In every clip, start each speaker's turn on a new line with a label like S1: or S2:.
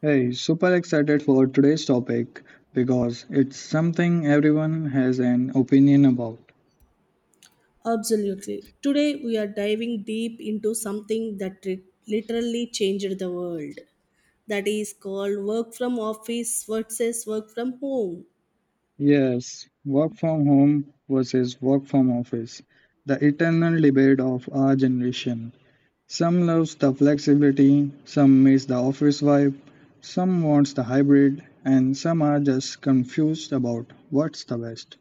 S1: Hey, super excited for today's topic because it's something everyone has an opinion about.
S2: Absolutely. Today, we are diving deep into something that literally changed the world. That is called work from office versus work from home.
S1: Yes, work from home versus work from office, the eternal debate of our generation. Some loves the flexibility, some miss the office vibe, some wants the hybrid, and some are just confused about what's the best.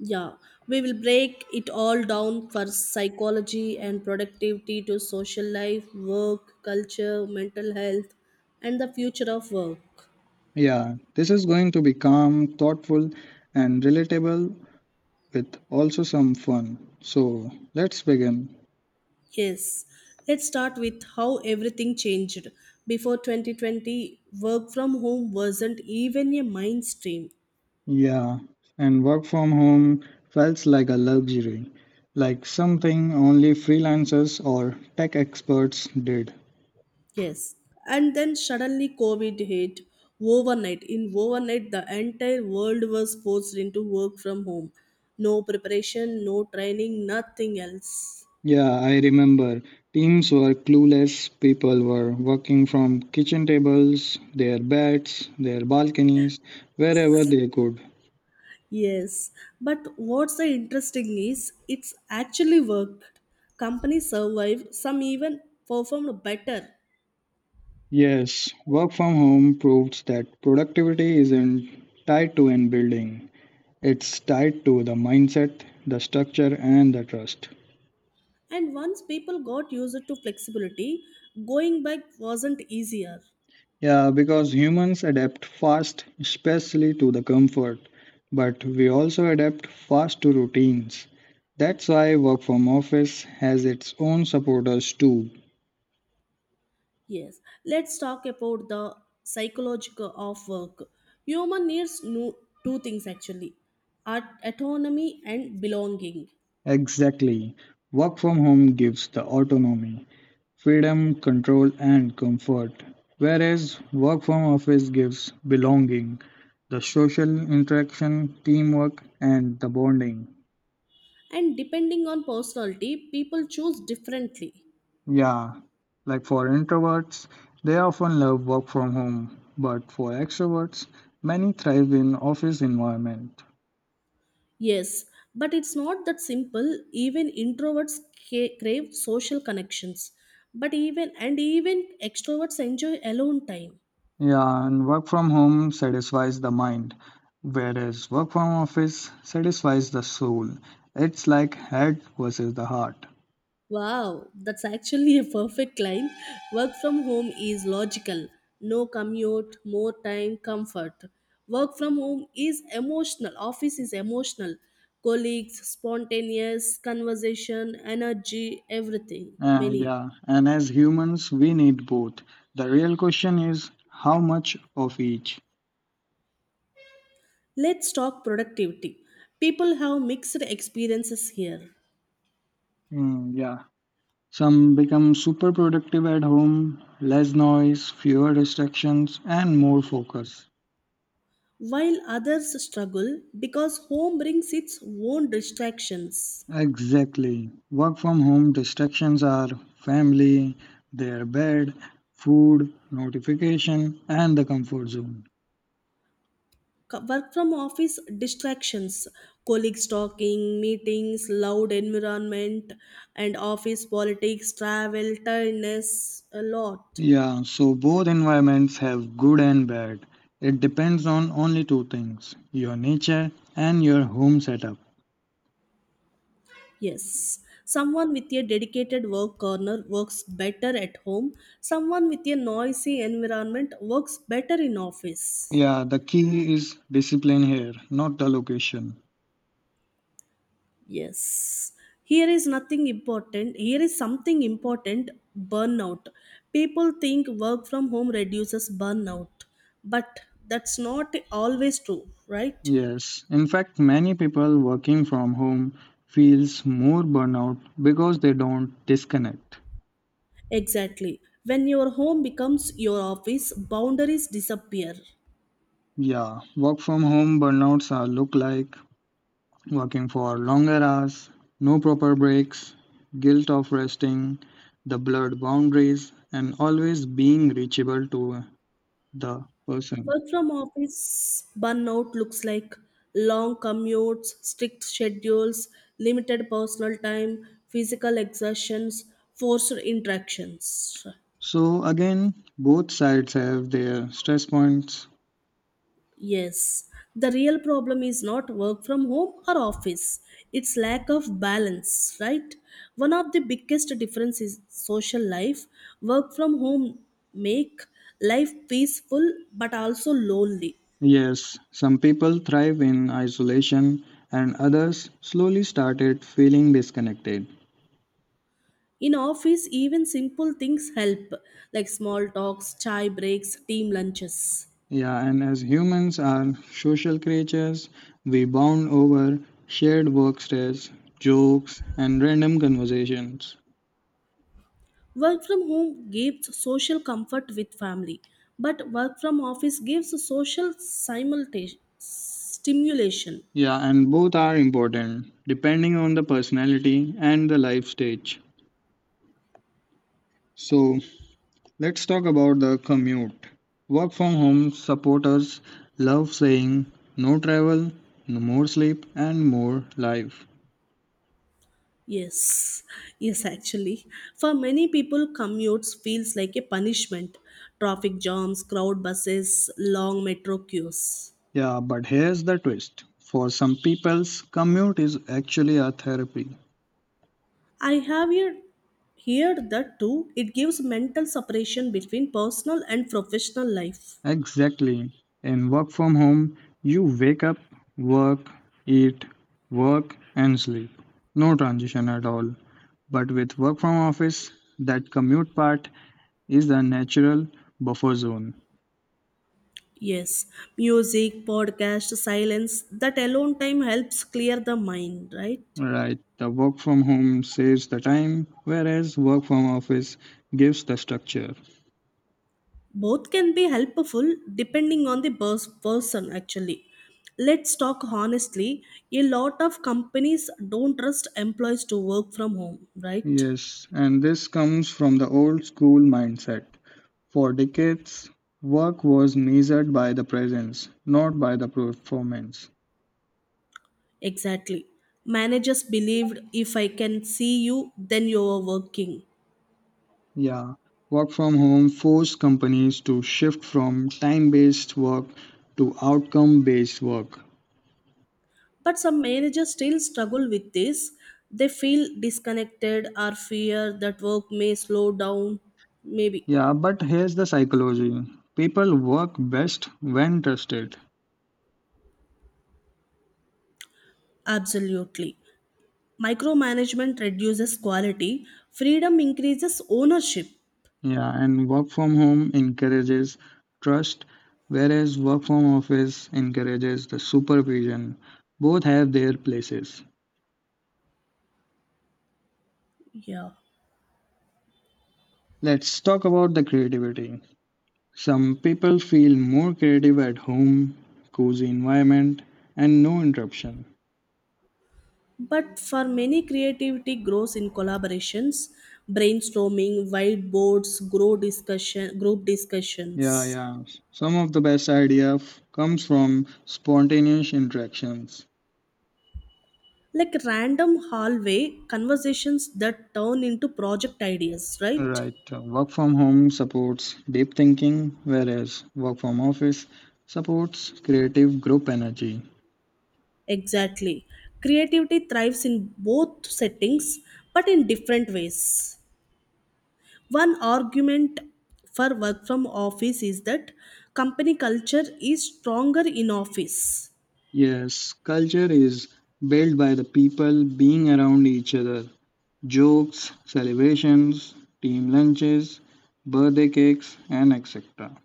S2: Yeah, we will break it all down for psychology and productivity to social life, work, culture, mental health, and the future of work.
S1: Yeah, this is going to be calm, thoughtful, and relatable with also some fun. So let's begin.
S2: Yes, let's start with how everything changed. Before 2020, work from home wasn't even a mainstream.
S1: Yeah, and work from home felt like a luxury, like something only freelancers or tech experts did.
S2: Yes. And then suddenly COVID hit overnight. In overnight, the entire world was forced into work from home. No preparation, no training, nothing else.
S1: Yeah, I remember teams were clueless, people were working from kitchen tables, their beds, their balconies, wherever they could.
S2: Yes. But what's the interesting is it's actually worked. Companies survived, some even performed better.
S1: Yes, work from home proves that productivity isn't tied to an building. It's tied to the mindset, the structure, and the trust.
S2: And once people got used to flexibility, going back wasn't easier.
S1: Yeah, because humans adapt fast, especially to the comfort, but we also adapt fast to routines. That's why work from office has its own supporters too.
S2: Yes, let's talk about the psychological of work. Human needs no, two things actually autonomy and belonging.
S1: Exactly. Work from home gives the autonomy, freedom, control, and comfort, whereas work from office gives belonging, the social interaction, teamwork, and the bonding.
S2: And depending on personality, people choose differently.
S1: Yeah, like for introverts, they often love work from home, but for extroverts, many thrive in office environment.
S2: Yes, but it's not that simple. Even introverts crave social connections, but even extroverts enjoy alone time.
S1: Yeah, and work from home satisfies the mind, whereas work from office satisfies the soul. It's like head versus the heart.
S2: Wow, that's actually a perfect line. Work from home is logical. No commute, more time, comfort. Work from home is emotional. Office is emotional. Colleagues, spontaneous conversation, energy, everything. Many.
S1: Yeah, and as humans, we need both. The real question is how much of each.
S2: Let's talk productivity. People have mixed experiences here,
S1: Mm, yeah, some become super productive at home, less noise, fewer distractions, and more focus.
S2: while others struggle because home brings its own distractions.
S1: Exactly. Work from home distractions are family, their bed, food, notification, and the comfort zone.
S2: Work from office distractions, colleagues talking, meetings, loud environment, and office politics, travel, tiredness, a lot.
S1: Yeah, so both environments have good and bad. It depends on only two things: your nature and your home setup.
S2: Yes, someone with a dedicated work corner works better at home. Someone with a noisy environment works better in office.
S1: Yeah, the key is discipline here, not the location.
S2: Yes. Here is nothing important. Here is something important, burnout. People think work from home reduces burnout, but that's not always true, right?
S1: Yes, in fact, many people working from home feels more burnout because they don't disconnect.
S2: Exactly. When your home becomes your office, boundaries disappear.
S1: Yeah, work from home burnouts are look like working for longer hours, no proper breaks, guilt of resting, the blurred boundaries, and always being reachable to the person.
S2: Work from office burnout looks like long commutes, strict schedules, limited personal time, physical exertions, forced interactions.
S1: So again, both sides have their stress points.
S2: Yes, the real problem is not work from home or office, it's lack of balance, right? One of the biggest differences is social life. Work from home make life peaceful but also lonely.
S1: Yes, some people thrive in isolation and others slowly started feeling disconnected.
S2: In office, even simple things help, like small talks, chai breaks, team lunches.
S1: Yeah, and as humans are social creatures, we bond over shared work stress, jokes, and random conversations.
S2: Work from home gives social comfort with family, but work from office gives social simultaneous stimulation.
S1: Yeah, and both are important depending on the personality and the life stage. So, let's talk about the commute. Work from home supporters love saying no travel, no more sleep, and more life.
S2: Yes, yes, actually. For many people, commutes feels like a punishment. Traffic jams, crowd buses, long metro queues.
S1: Yeah, but here's the twist. For some people's commute is actually a therapy.
S2: I have heard that too. It gives mental separation between personal and professional life.
S1: Exactly. In work from home, you wake up, work, eat, work, and sleep. No transition at all. But with work from office, that commute part is the natural buffer zone.
S2: Yes, music, podcast, silence, that alone time helps clear the mind, right?
S1: Right. The work from home saves the time, whereas work from office gives the structure.
S2: Both can be helpful depending on the person, actually. Let's talk honestly, a lot of companies don't trust employees to work from home, right?
S1: Yes, and this comes from the old school mindset. For decades, work was measured by the presence, not by the performance.
S2: Exactly. Managers believed, if I can see you, then you are working.
S1: Yeah, work from home forced companies to shift from time based work to outcome based work.
S2: But some managers still struggle with this. They feel disconnected or fear that work may slow down, maybe.
S1: Yeah, but here's the psychology: people work best when trusted.
S2: Absolutely. Micromanagement reduces quality, freedom increases ownership.
S1: Yeah, and work from home encourages trust, whereas work from office encourages the supervision. Both have their places.
S2: Yeah.
S1: Let's talk about the creativity. Some people feel more creative at home, cozy environment, and no interruption.
S2: But for many, creativity grows in collaborations, brainstorming, whiteboards, grow discussion, group
S1: Yeah,
S2: discussions.
S1: yeah. Some of the best comes from spontaneous interactions.
S2: Like random hallway conversations that turn into project ideas, right?
S1: Right. Work from home supports deep thinking, whereas work from office supports creative group energy.
S2: Exactly. Creativity thrives in both settings, but in different ways. One argument for work from office is that company culture is stronger in office.
S1: Yes, culture is built by the people being around each other. Jokes, celebrations, team lunches, birthday cakes, and etc.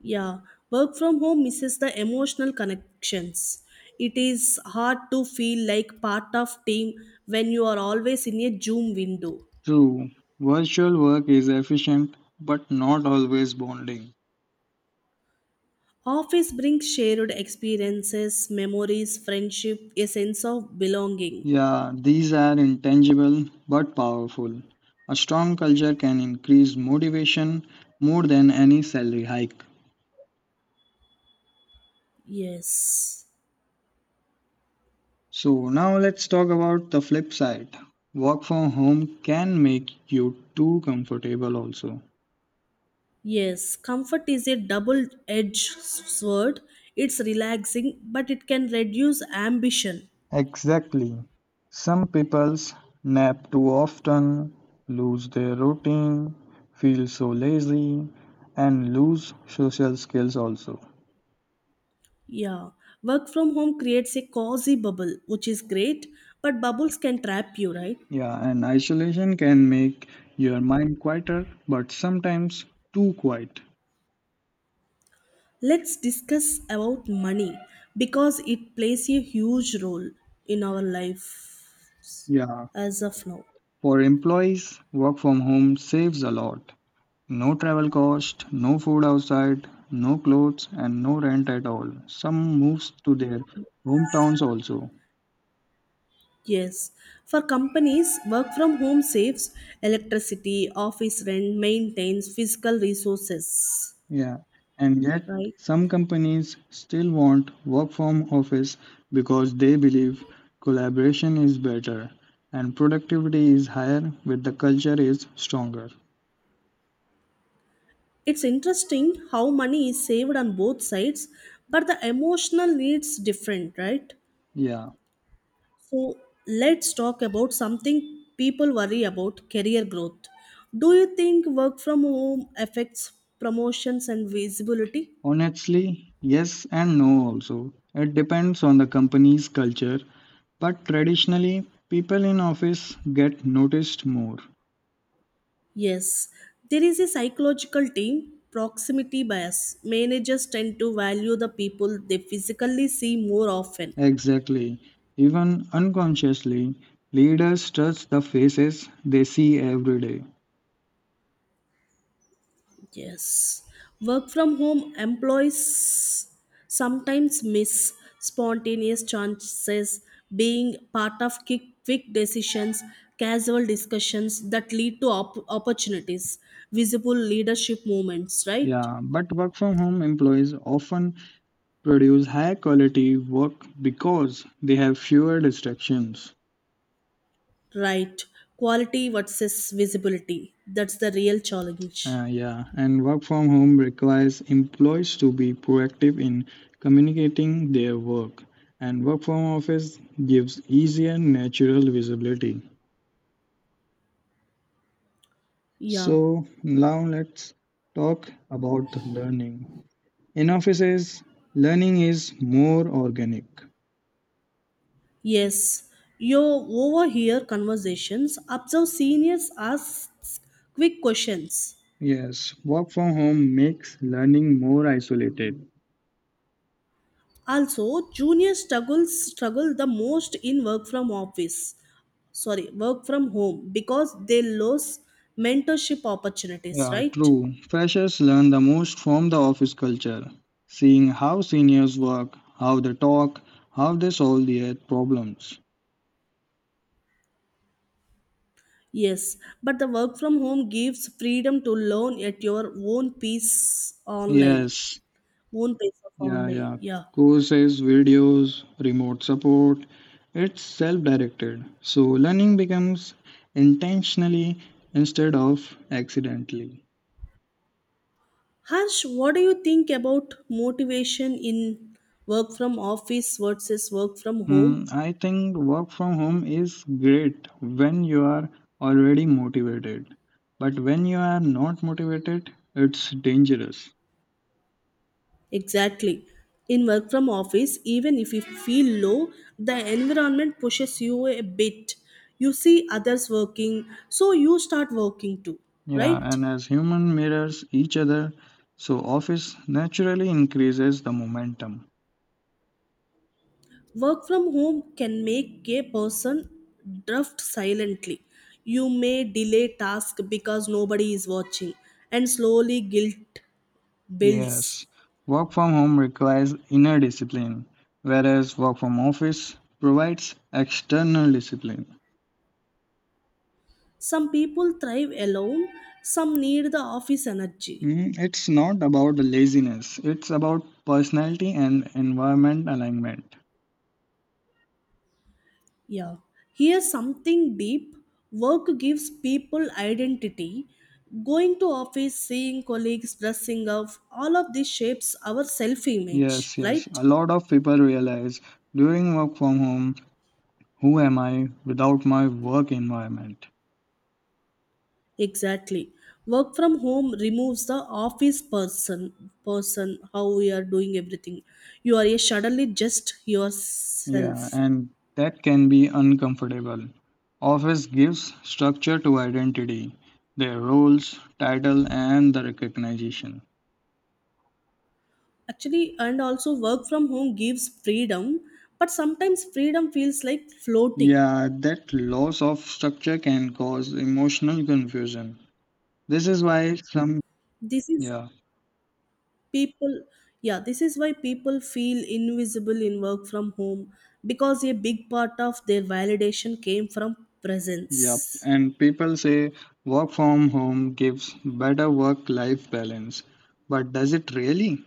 S2: Yeah, work from home misses the emotional connections. It is hard to feel like part of team when you are always in a Zoom window.
S1: True, virtual work is efficient but not always bonding.
S2: Office brings shared experiences, memories, friendship, a sense of belonging.
S1: Yeah, these are intangible but powerful. A strong culture can increase motivation more than any salary hike.
S2: Yes.
S1: So, now let's talk about the flip side. Work from home can make you too comfortable, also.
S2: Yes, comfort is a double edged sword. It's relaxing, but it can reduce ambition.
S1: Exactly. Some people's nap too often, lose their routine, feel so lazy, and lose social skills also.
S2: Yeah, work from home creates a cozy bubble, which is great, but bubbles can trap you, right?
S1: Yeah, and isolation can make your mind quieter, but sometimes too quiet.
S2: Let's discuss about money because it plays a huge role in our life
S1: Yeah,
S2: as of now.
S1: for employees, work from home saves a lot. No travel cost, no food outside, no clothes, and no rent at all. Some moves to their hometowns also.
S2: Yes. For companies, work from home saves electricity, office rent, maintains physical resources,
S1: Yeah, and yet
S2: right?
S1: some companies still want work from office because they believe collaboration is better and productivity is higher with the culture is stronger.
S2: It's interesting how money is saved on both sides, but the emotional needs different, right?
S1: Yeah,
S2: So, let's talk about something people worry about, career growth. Do you think work from home affects promotions and visibility?
S1: honestly, yes and no also. It depends on the company's culture, but traditionally, people in office get noticed more.
S2: Yes, there is a psychological team proximity bias. Managers tend to value the people they physically see more often.
S1: Exactly. Even unconsciously, leaders trust the faces they see every day.
S2: Yes. Work from home employees sometimes miss spontaneous chances, being part of quick decisions, casual discussions that lead to opportunities, visible leadership moments, right?
S1: Yeah, but work from home employees often produce high quality work because they have fewer distractions.
S2: Right. Quality versus visibility. That's the real challenge.
S1: Yeah, and work from home requires employees to be proactive in communicating their work, and work from office gives easier natural visibility.
S2: Yeah.
S1: So, now let's talk about learning. In offices, learning is more organic.
S2: Yes. You overhear conversations, observe seniors, ask quick questions.
S1: Yes, work from home makes learning more isolated.
S2: Also, junior struggle the most in work from office, sorry, work from home, because they lose mentorship opportunities,
S1: Yeah,
S2: right?
S1: true. Freshers learn the most from the office culture, seeing how seniors work, how they talk, how they solve their problems.
S2: Yes, but the work from home gives freedom to learn at your own pace online,
S1: Yes,
S2: own pace of
S1: yeah,
S2: online.
S1: yeah.
S2: Yeah.
S1: Courses, videos, remote support. It's self-directed, so learning becomes intentionally instead of accidentally.
S2: Harsh, what do you think about motivation in work from office versus work from home?
S1: I think work from home is great when you are already motivated. But when you are not motivated, it's dangerous.
S2: Exactly. In work from office, even if you feel low, the environment pushes you a bit. You see others working, so you start working too,
S1: Yeah,
S2: right?
S1: and as human mirrors each other, so office naturally increases the momentum.
S2: Work from home can make a person drift silently. You may delay task because nobody is watching, and slowly guilt builds.
S1: Yes, work from home requires inner discipline, whereas work from office provides external discipline.
S2: Some people thrive alone, some need the office energy.
S1: It's not about laziness, it's about personality and environment alignment.
S2: Yeah, here's something deep. Work gives people identity. Going to office, seeing colleagues, dressing up, all of this shapes our self image,
S1: Yes, yes.
S2: right?
S1: A lot of people realize during work from home, who am I without my work environment?
S2: Exactly. Work from home removes the office person, how we are doing everything. You are suddenly just
S1: Yeah,
S2: yourself.
S1: and that can be uncomfortable. Office gives structure to identity, their roles, title, and the recognition.
S2: Actually, and also work from home gives freedom, but sometimes freedom feels like floating.
S1: Yeah, that loss of structure can cause emotional confusion. This is why some,
S2: This is
S1: yeah.
S2: people Yeah, this is why people feel invisible in work from home, because a big part of their validation came from
S1: Yep,
S2: presence.
S1: and people say work from home gives better work-life balance, but does it really?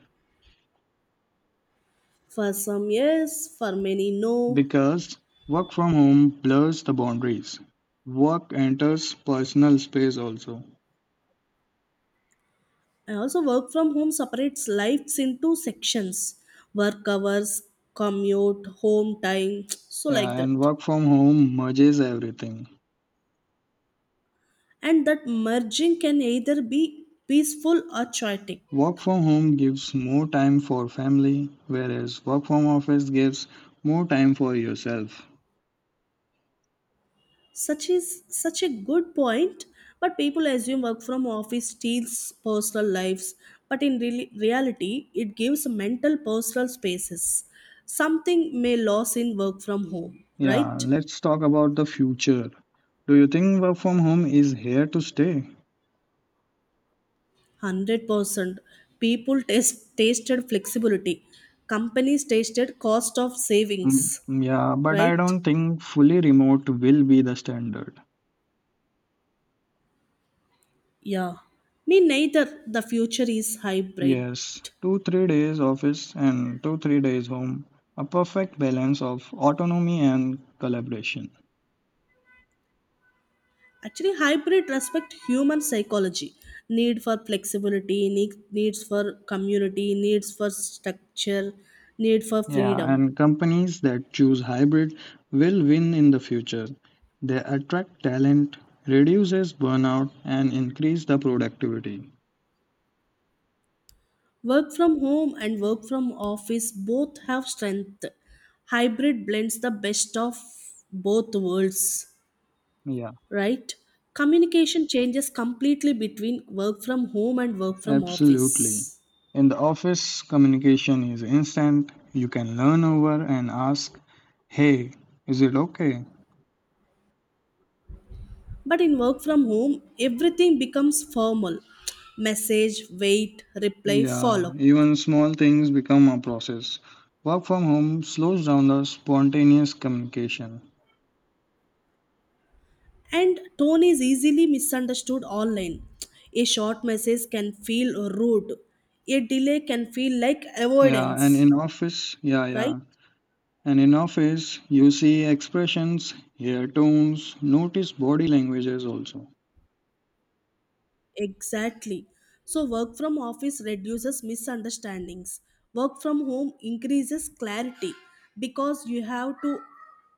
S2: For some, yes. For many, no.
S1: Because work from home blurs the boundaries. Work enters personal space also.
S2: I also, work from home separates lives into sections, work hours, commute, home time so
S1: Yeah,
S2: like
S1: and
S2: that.
S1: work from home merges everything.
S2: And that merging can either be peaceful or chaotic.
S1: Work from home gives more time for family, whereas work from office gives more time for yourself.
S2: Such is such a good point. But people assume work from office steals personal lives, but in reality, it gives mental personal spaces, something may lose in work from home,
S1: Yeah,
S2: right?
S1: let's talk about the future. Do you think work from home is here to stay?
S2: 100% people tasted flexibility, companies tasted cost of savings.
S1: Mm, yeah, but I
S2: Right.
S1: don't think fully remote will be the standard.
S2: Yeah, me neither. The future is hybrid.
S1: Yes, 2, 3 days office and 2, 3 days home. A perfect balance of autonomy and collaboration.
S2: Actually, hybrid respect human psychology, need for flexibility, needs for community, needs for structure, need for
S1: Yeah,
S2: freedom.
S1: and companies that choose hybrid will win in the future. They attract talent, reduces burnout, and increase the productivity.
S2: Work from home and work from office both have strength. Hybrid blends the best of both worlds,
S1: Yeah,
S2: right? Communication changes completely between work from home and work from
S1: absolutely.
S2: office.
S1: In the office, communication is instant. You can learn over and ask, "Hey, is it okay?"
S2: But in work from home, everything becomes formal, message, wait, reply,
S1: Yeah,
S2: follow.
S1: even small things become a process. Work from home slows down the spontaneous communication.
S2: And tone is easily misunderstood online. A short message can feel rude. A delay can feel like
S1: Yeah, and
S2: avoidance.
S1: in office, yeah,
S2: Right?
S1: yeah. And in office, you see expressions, hear tones, notice body languages also.
S2: Exactly. So, work from office reduces misunderstandings. Work from home increases clarity because you have to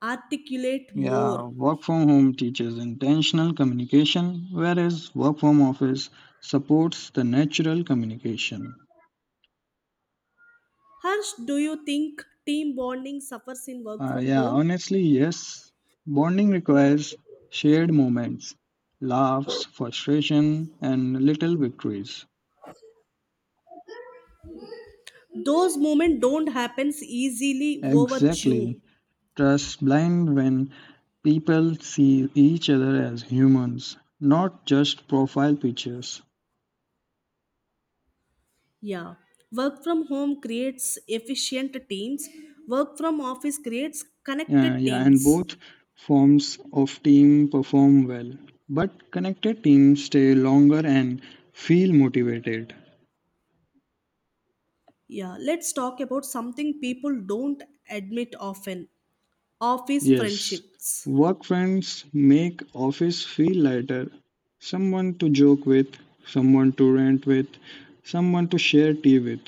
S2: articulate more.
S1: Yeah, work from home teaches intentional communication, whereas work from office supports the natural communication.
S2: Harsh, do you think team bonding suffers in work from
S1: Yeah,
S2: home?
S1: honestly, yes. Bonding requires shared moments, laughs, frustration, and little victories.
S2: Those moments don't happen easily over Zoom.
S1: Exactly. Trust blind when people see each other as humans, not just profile pictures.
S2: Yeah, work from home creates efficient teams. Work from office creates
S1: Yeah,
S2: connected
S1: yeah, and
S2: teams.
S1: both forms of team perform well, but connected teams stay longer and feel motivated.
S2: Yeah, let's talk about something people don't admit often, office
S1: Yes,
S2: friendships.
S1: work friends make office feel lighter. Someone to joke with, someone to rant with, someone to share tea with.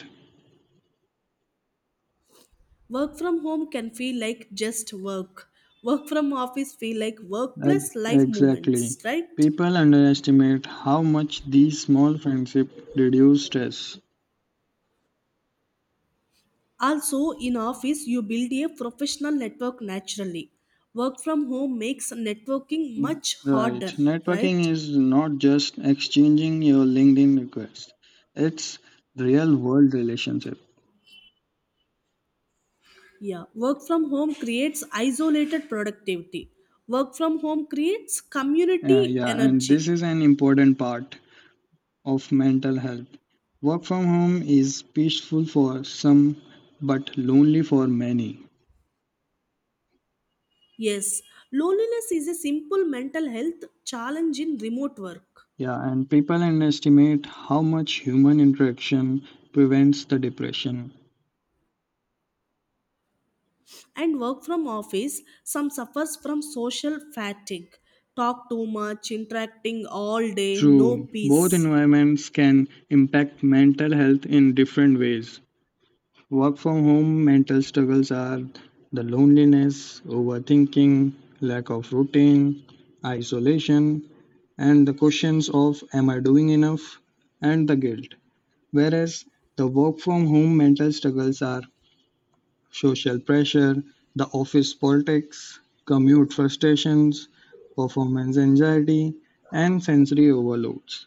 S2: Work from home can feel like just work. Work from office feel like work plus life moments,
S1: Exactly.
S2: right?
S1: People underestimate how much these small friendships reduce stress.
S2: Also, in office, you build a professional network naturally. Work from home makes networking
S1: Mm,
S2: much
S1: right.
S2: harder,
S1: Networking
S2: right?
S1: is not just exchanging your LinkedIn request, it's real world relationship.
S2: Yeah, work from home creates isolated productivity. Work from home creates community
S1: Yeah, and this
S2: energy.
S1: is an important part of mental health. Work from home is peaceful for some but lonely for many.
S2: Yes, loneliness is a simple mental health challenge in remote work.
S1: Yeah, and people underestimate how much human interaction prevents the depression.
S2: And work from office, some suffers from social fatigue. Talk too much, interacting all day, no
S1: True, both
S2: peace.
S1: environments can impact mental health in different ways. Work from home mental struggles are the loneliness, overthinking, lack of routine, isolation, and the questions of am I doing enough and the guilt. Whereas the work-from-home mental struggles are social pressure, the office politics, commute frustrations, performance anxiety, and sensory overloads.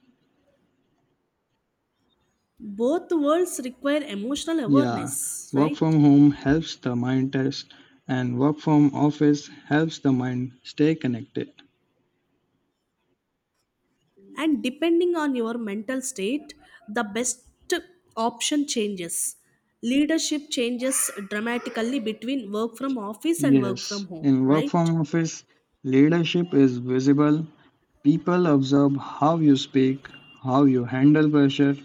S2: Both worlds require emotional
S1: Yeah,
S2: awareness,
S1: work
S2: right?
S1: from home helps the mind test, and work from office helps the mind stay connected.
S2: And depending on your mental state, the best option changes. Leadership changes dramatically between work from office and work
S1: Yes,
S2: from home,
S1: in work
S2: right?
S1: from office, leadership is visible. People observe how you speak, how you handle pressure.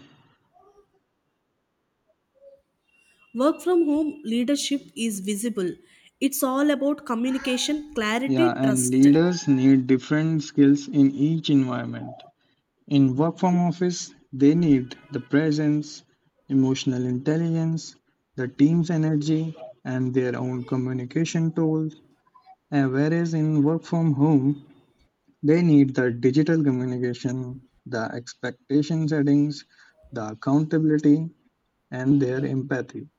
S2: Work from home leadership is visible. It's all about communication, clarity,
S1: Yeah, and
S2: trust.
S1: leaders need different skills in each environment. In work from office, they need the presence, emotional intelligence, the team's energy, and their own communication tools. And whereas in work from home, they need the digital communication, the expectation settings, the accountability, and their empathy.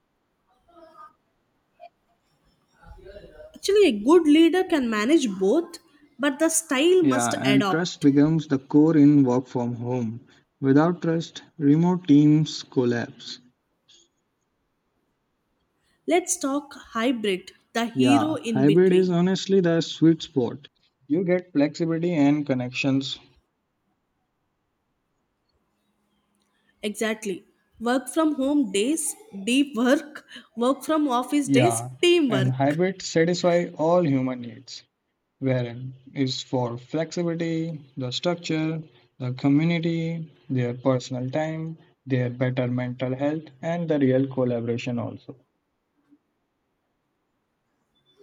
S2: Actually, a good leader can manage both, but the style
S1: Yeah,
S2: must
S1: and trust
S2: adopt.
S1: becomes the core in work from home. Without trust, remote teams collapse.
S2: Let's talk hybrid, the
S1: Yeah,
S2: hero in
S1: hybrid is
S2: between.
S1: honestly the sweet spot. You get flexibility and connections.
S2: Exactly. Work from home days, deep work. Work from office days,
S1: Yeah, and
S2: teamwork.
S1: hybrid satisfy all human needs. Wherein is for flexibility, the structure, the community, their personal time, their better mental health, and the real collaboration also.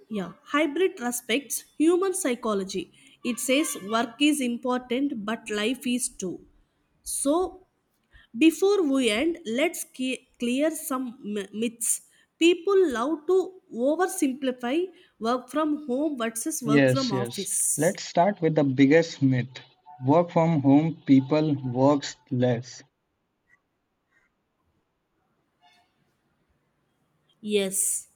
S2: Yeah. Hybrid respects human psychology. It says work is important, but life is too. So, before we end, let's clear some myths. People love to oversimplify work from home versus work
S1: Yes,
S2: from
S1: yes.
S2: office.
S1: Let's start with the biggest myth. Work from home people works less.
S2: Yes.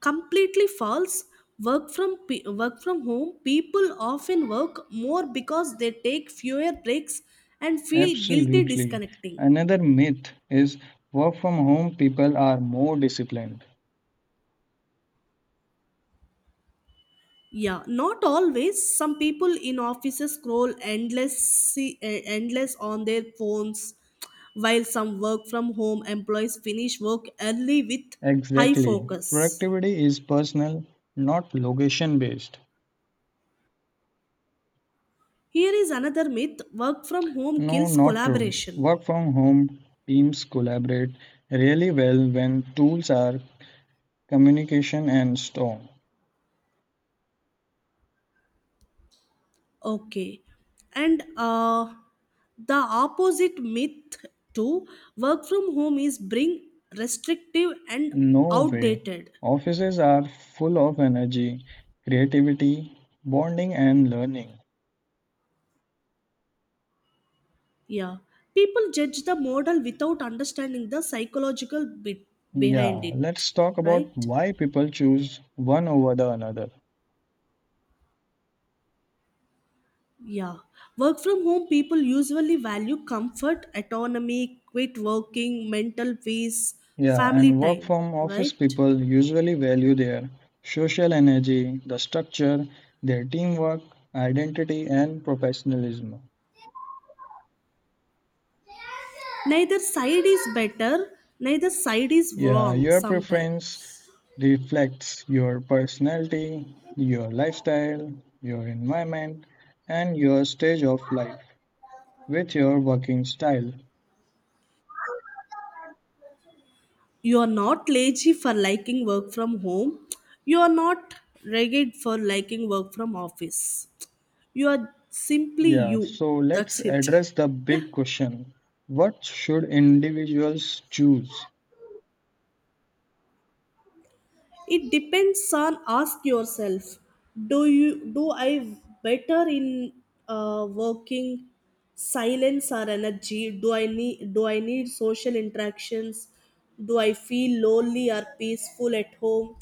S2: Completely false. Work from home people often work more because they take fewer breaks and feel guilty
S1: Absolutely.
S2: disconnecting.
S1: Another myth is work from home people are more disciplined.
S2: Yeah, not always. Some people in offices scroll endless on their phones, while some work from home employees finish work early with high
S1: Exactly.
S2: focus.
S1: Productivity is personal, not location based.
S2: Here is another myth, work from home
S1: No,
S2: kills
S1: not true.
S2: collaboration.
S1: Work from home teams collaborate really well when tools are communication and storm.
S2: Okay. And the opposite myth to work from home is bring restrictive and
S1: No way.
S2: outdated.
S1: Offices are full of energy, creativity, bonding, and learning.
S2: Yeah. People judge the model without understanding the psychological bit behind
S1: Yeah,
S2: it,
S1: let's talk about
S2: right?
S1: why people choose one over the another.
S2: Yeah. Work from home people usually value comfort, autonomy, quit working, mental peace,
S1: Yeah,
S2: family
S1: and work
S2: time,
S1: from office
S2: right?
S1: people usually value their social energy, the structure, their teamwork, identity, and professionalism.
S2: Neither side is better, neither side is
S1: Yeah,
S2: wrong
S1: your preference
S2: sometimes.
S1: reflects your personality, your lifestyle, your environment, and your stage of life with your working style.
S2: You are not lazy for liking work from home. You are not ragged for liking work from office. You are simply
S1: Yeah,
S2: you.
S1: so let's
S2: That's it.
S1: address the big question. What should individuals choose?
S2: It depends on, ask yourself, do I better in working, silence or energy? Do I need social interactions? Do I feel lonely or peaceful at home?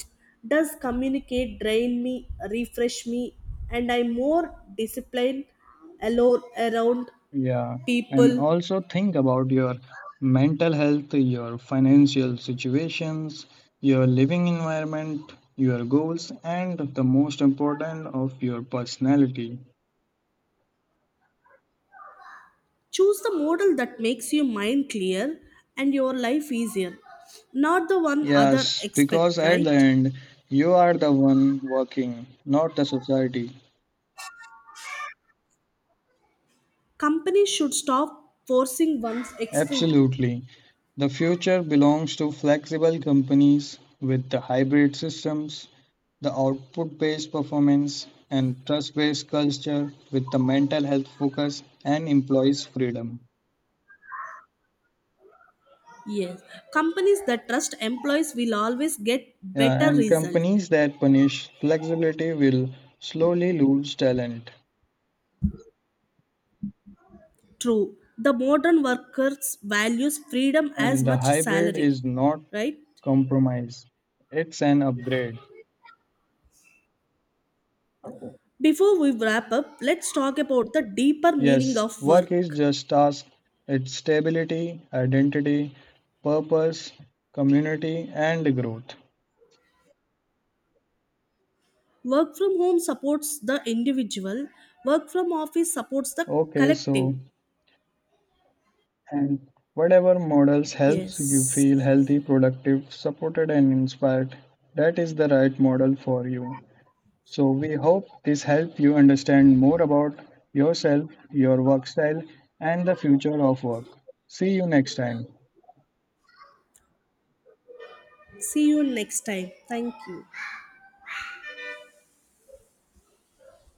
S2: Does communicate drain me, refresh me? And I'm more disciplined alone, around
S1: Yeah, and
S2: people?
S1: also think about your mental health, your financial situations, your living environment, your goals, and the most important of your personality.
S2: Choose the model that makes your mind clear and your life easier, not the one other
S1: Yes, because
S2: expect,
S1: at the
S2: right?
S1: end, you are the one working, not the society.
S2: Companies should stop forcing one's extreme.
S1: Absolutely. The future belongs to flexible companies with the hybrid systems, the output based performance, and trust based culture with the mental health focus and employees' freedom.
S2: Yes, companies that trust employees will always get
S1: Yeah,
S2: better
S1: and
S2: result.
S1: companies that punish flexibility will slowly lose talent.
S2: True, the modern workers values freedom as
S1: And the
S2: much
S1: hybrid
S2: salary,
S1: is not
S2: right?
S1: compromise, it's an upgrade.
S2: Before we wrap up, let's talk about the deeper meaning
S1: Yes,
S2: of
S1: work is
S2: work.
S1: just task. It's stability, identity, purpose, community, and growth.
S2: Work from home supports the individual, work from office supports the
S1: Okay, so
S2: collective.
S1: and whatever models helps you
S2: Yes.
S1: feel healthy, productive, supported, and inspired, that is the right model for you. So we hope this helped you understand more about yourself, your work style, and the future of work. See you next time.
S2: See you next time. Thank you.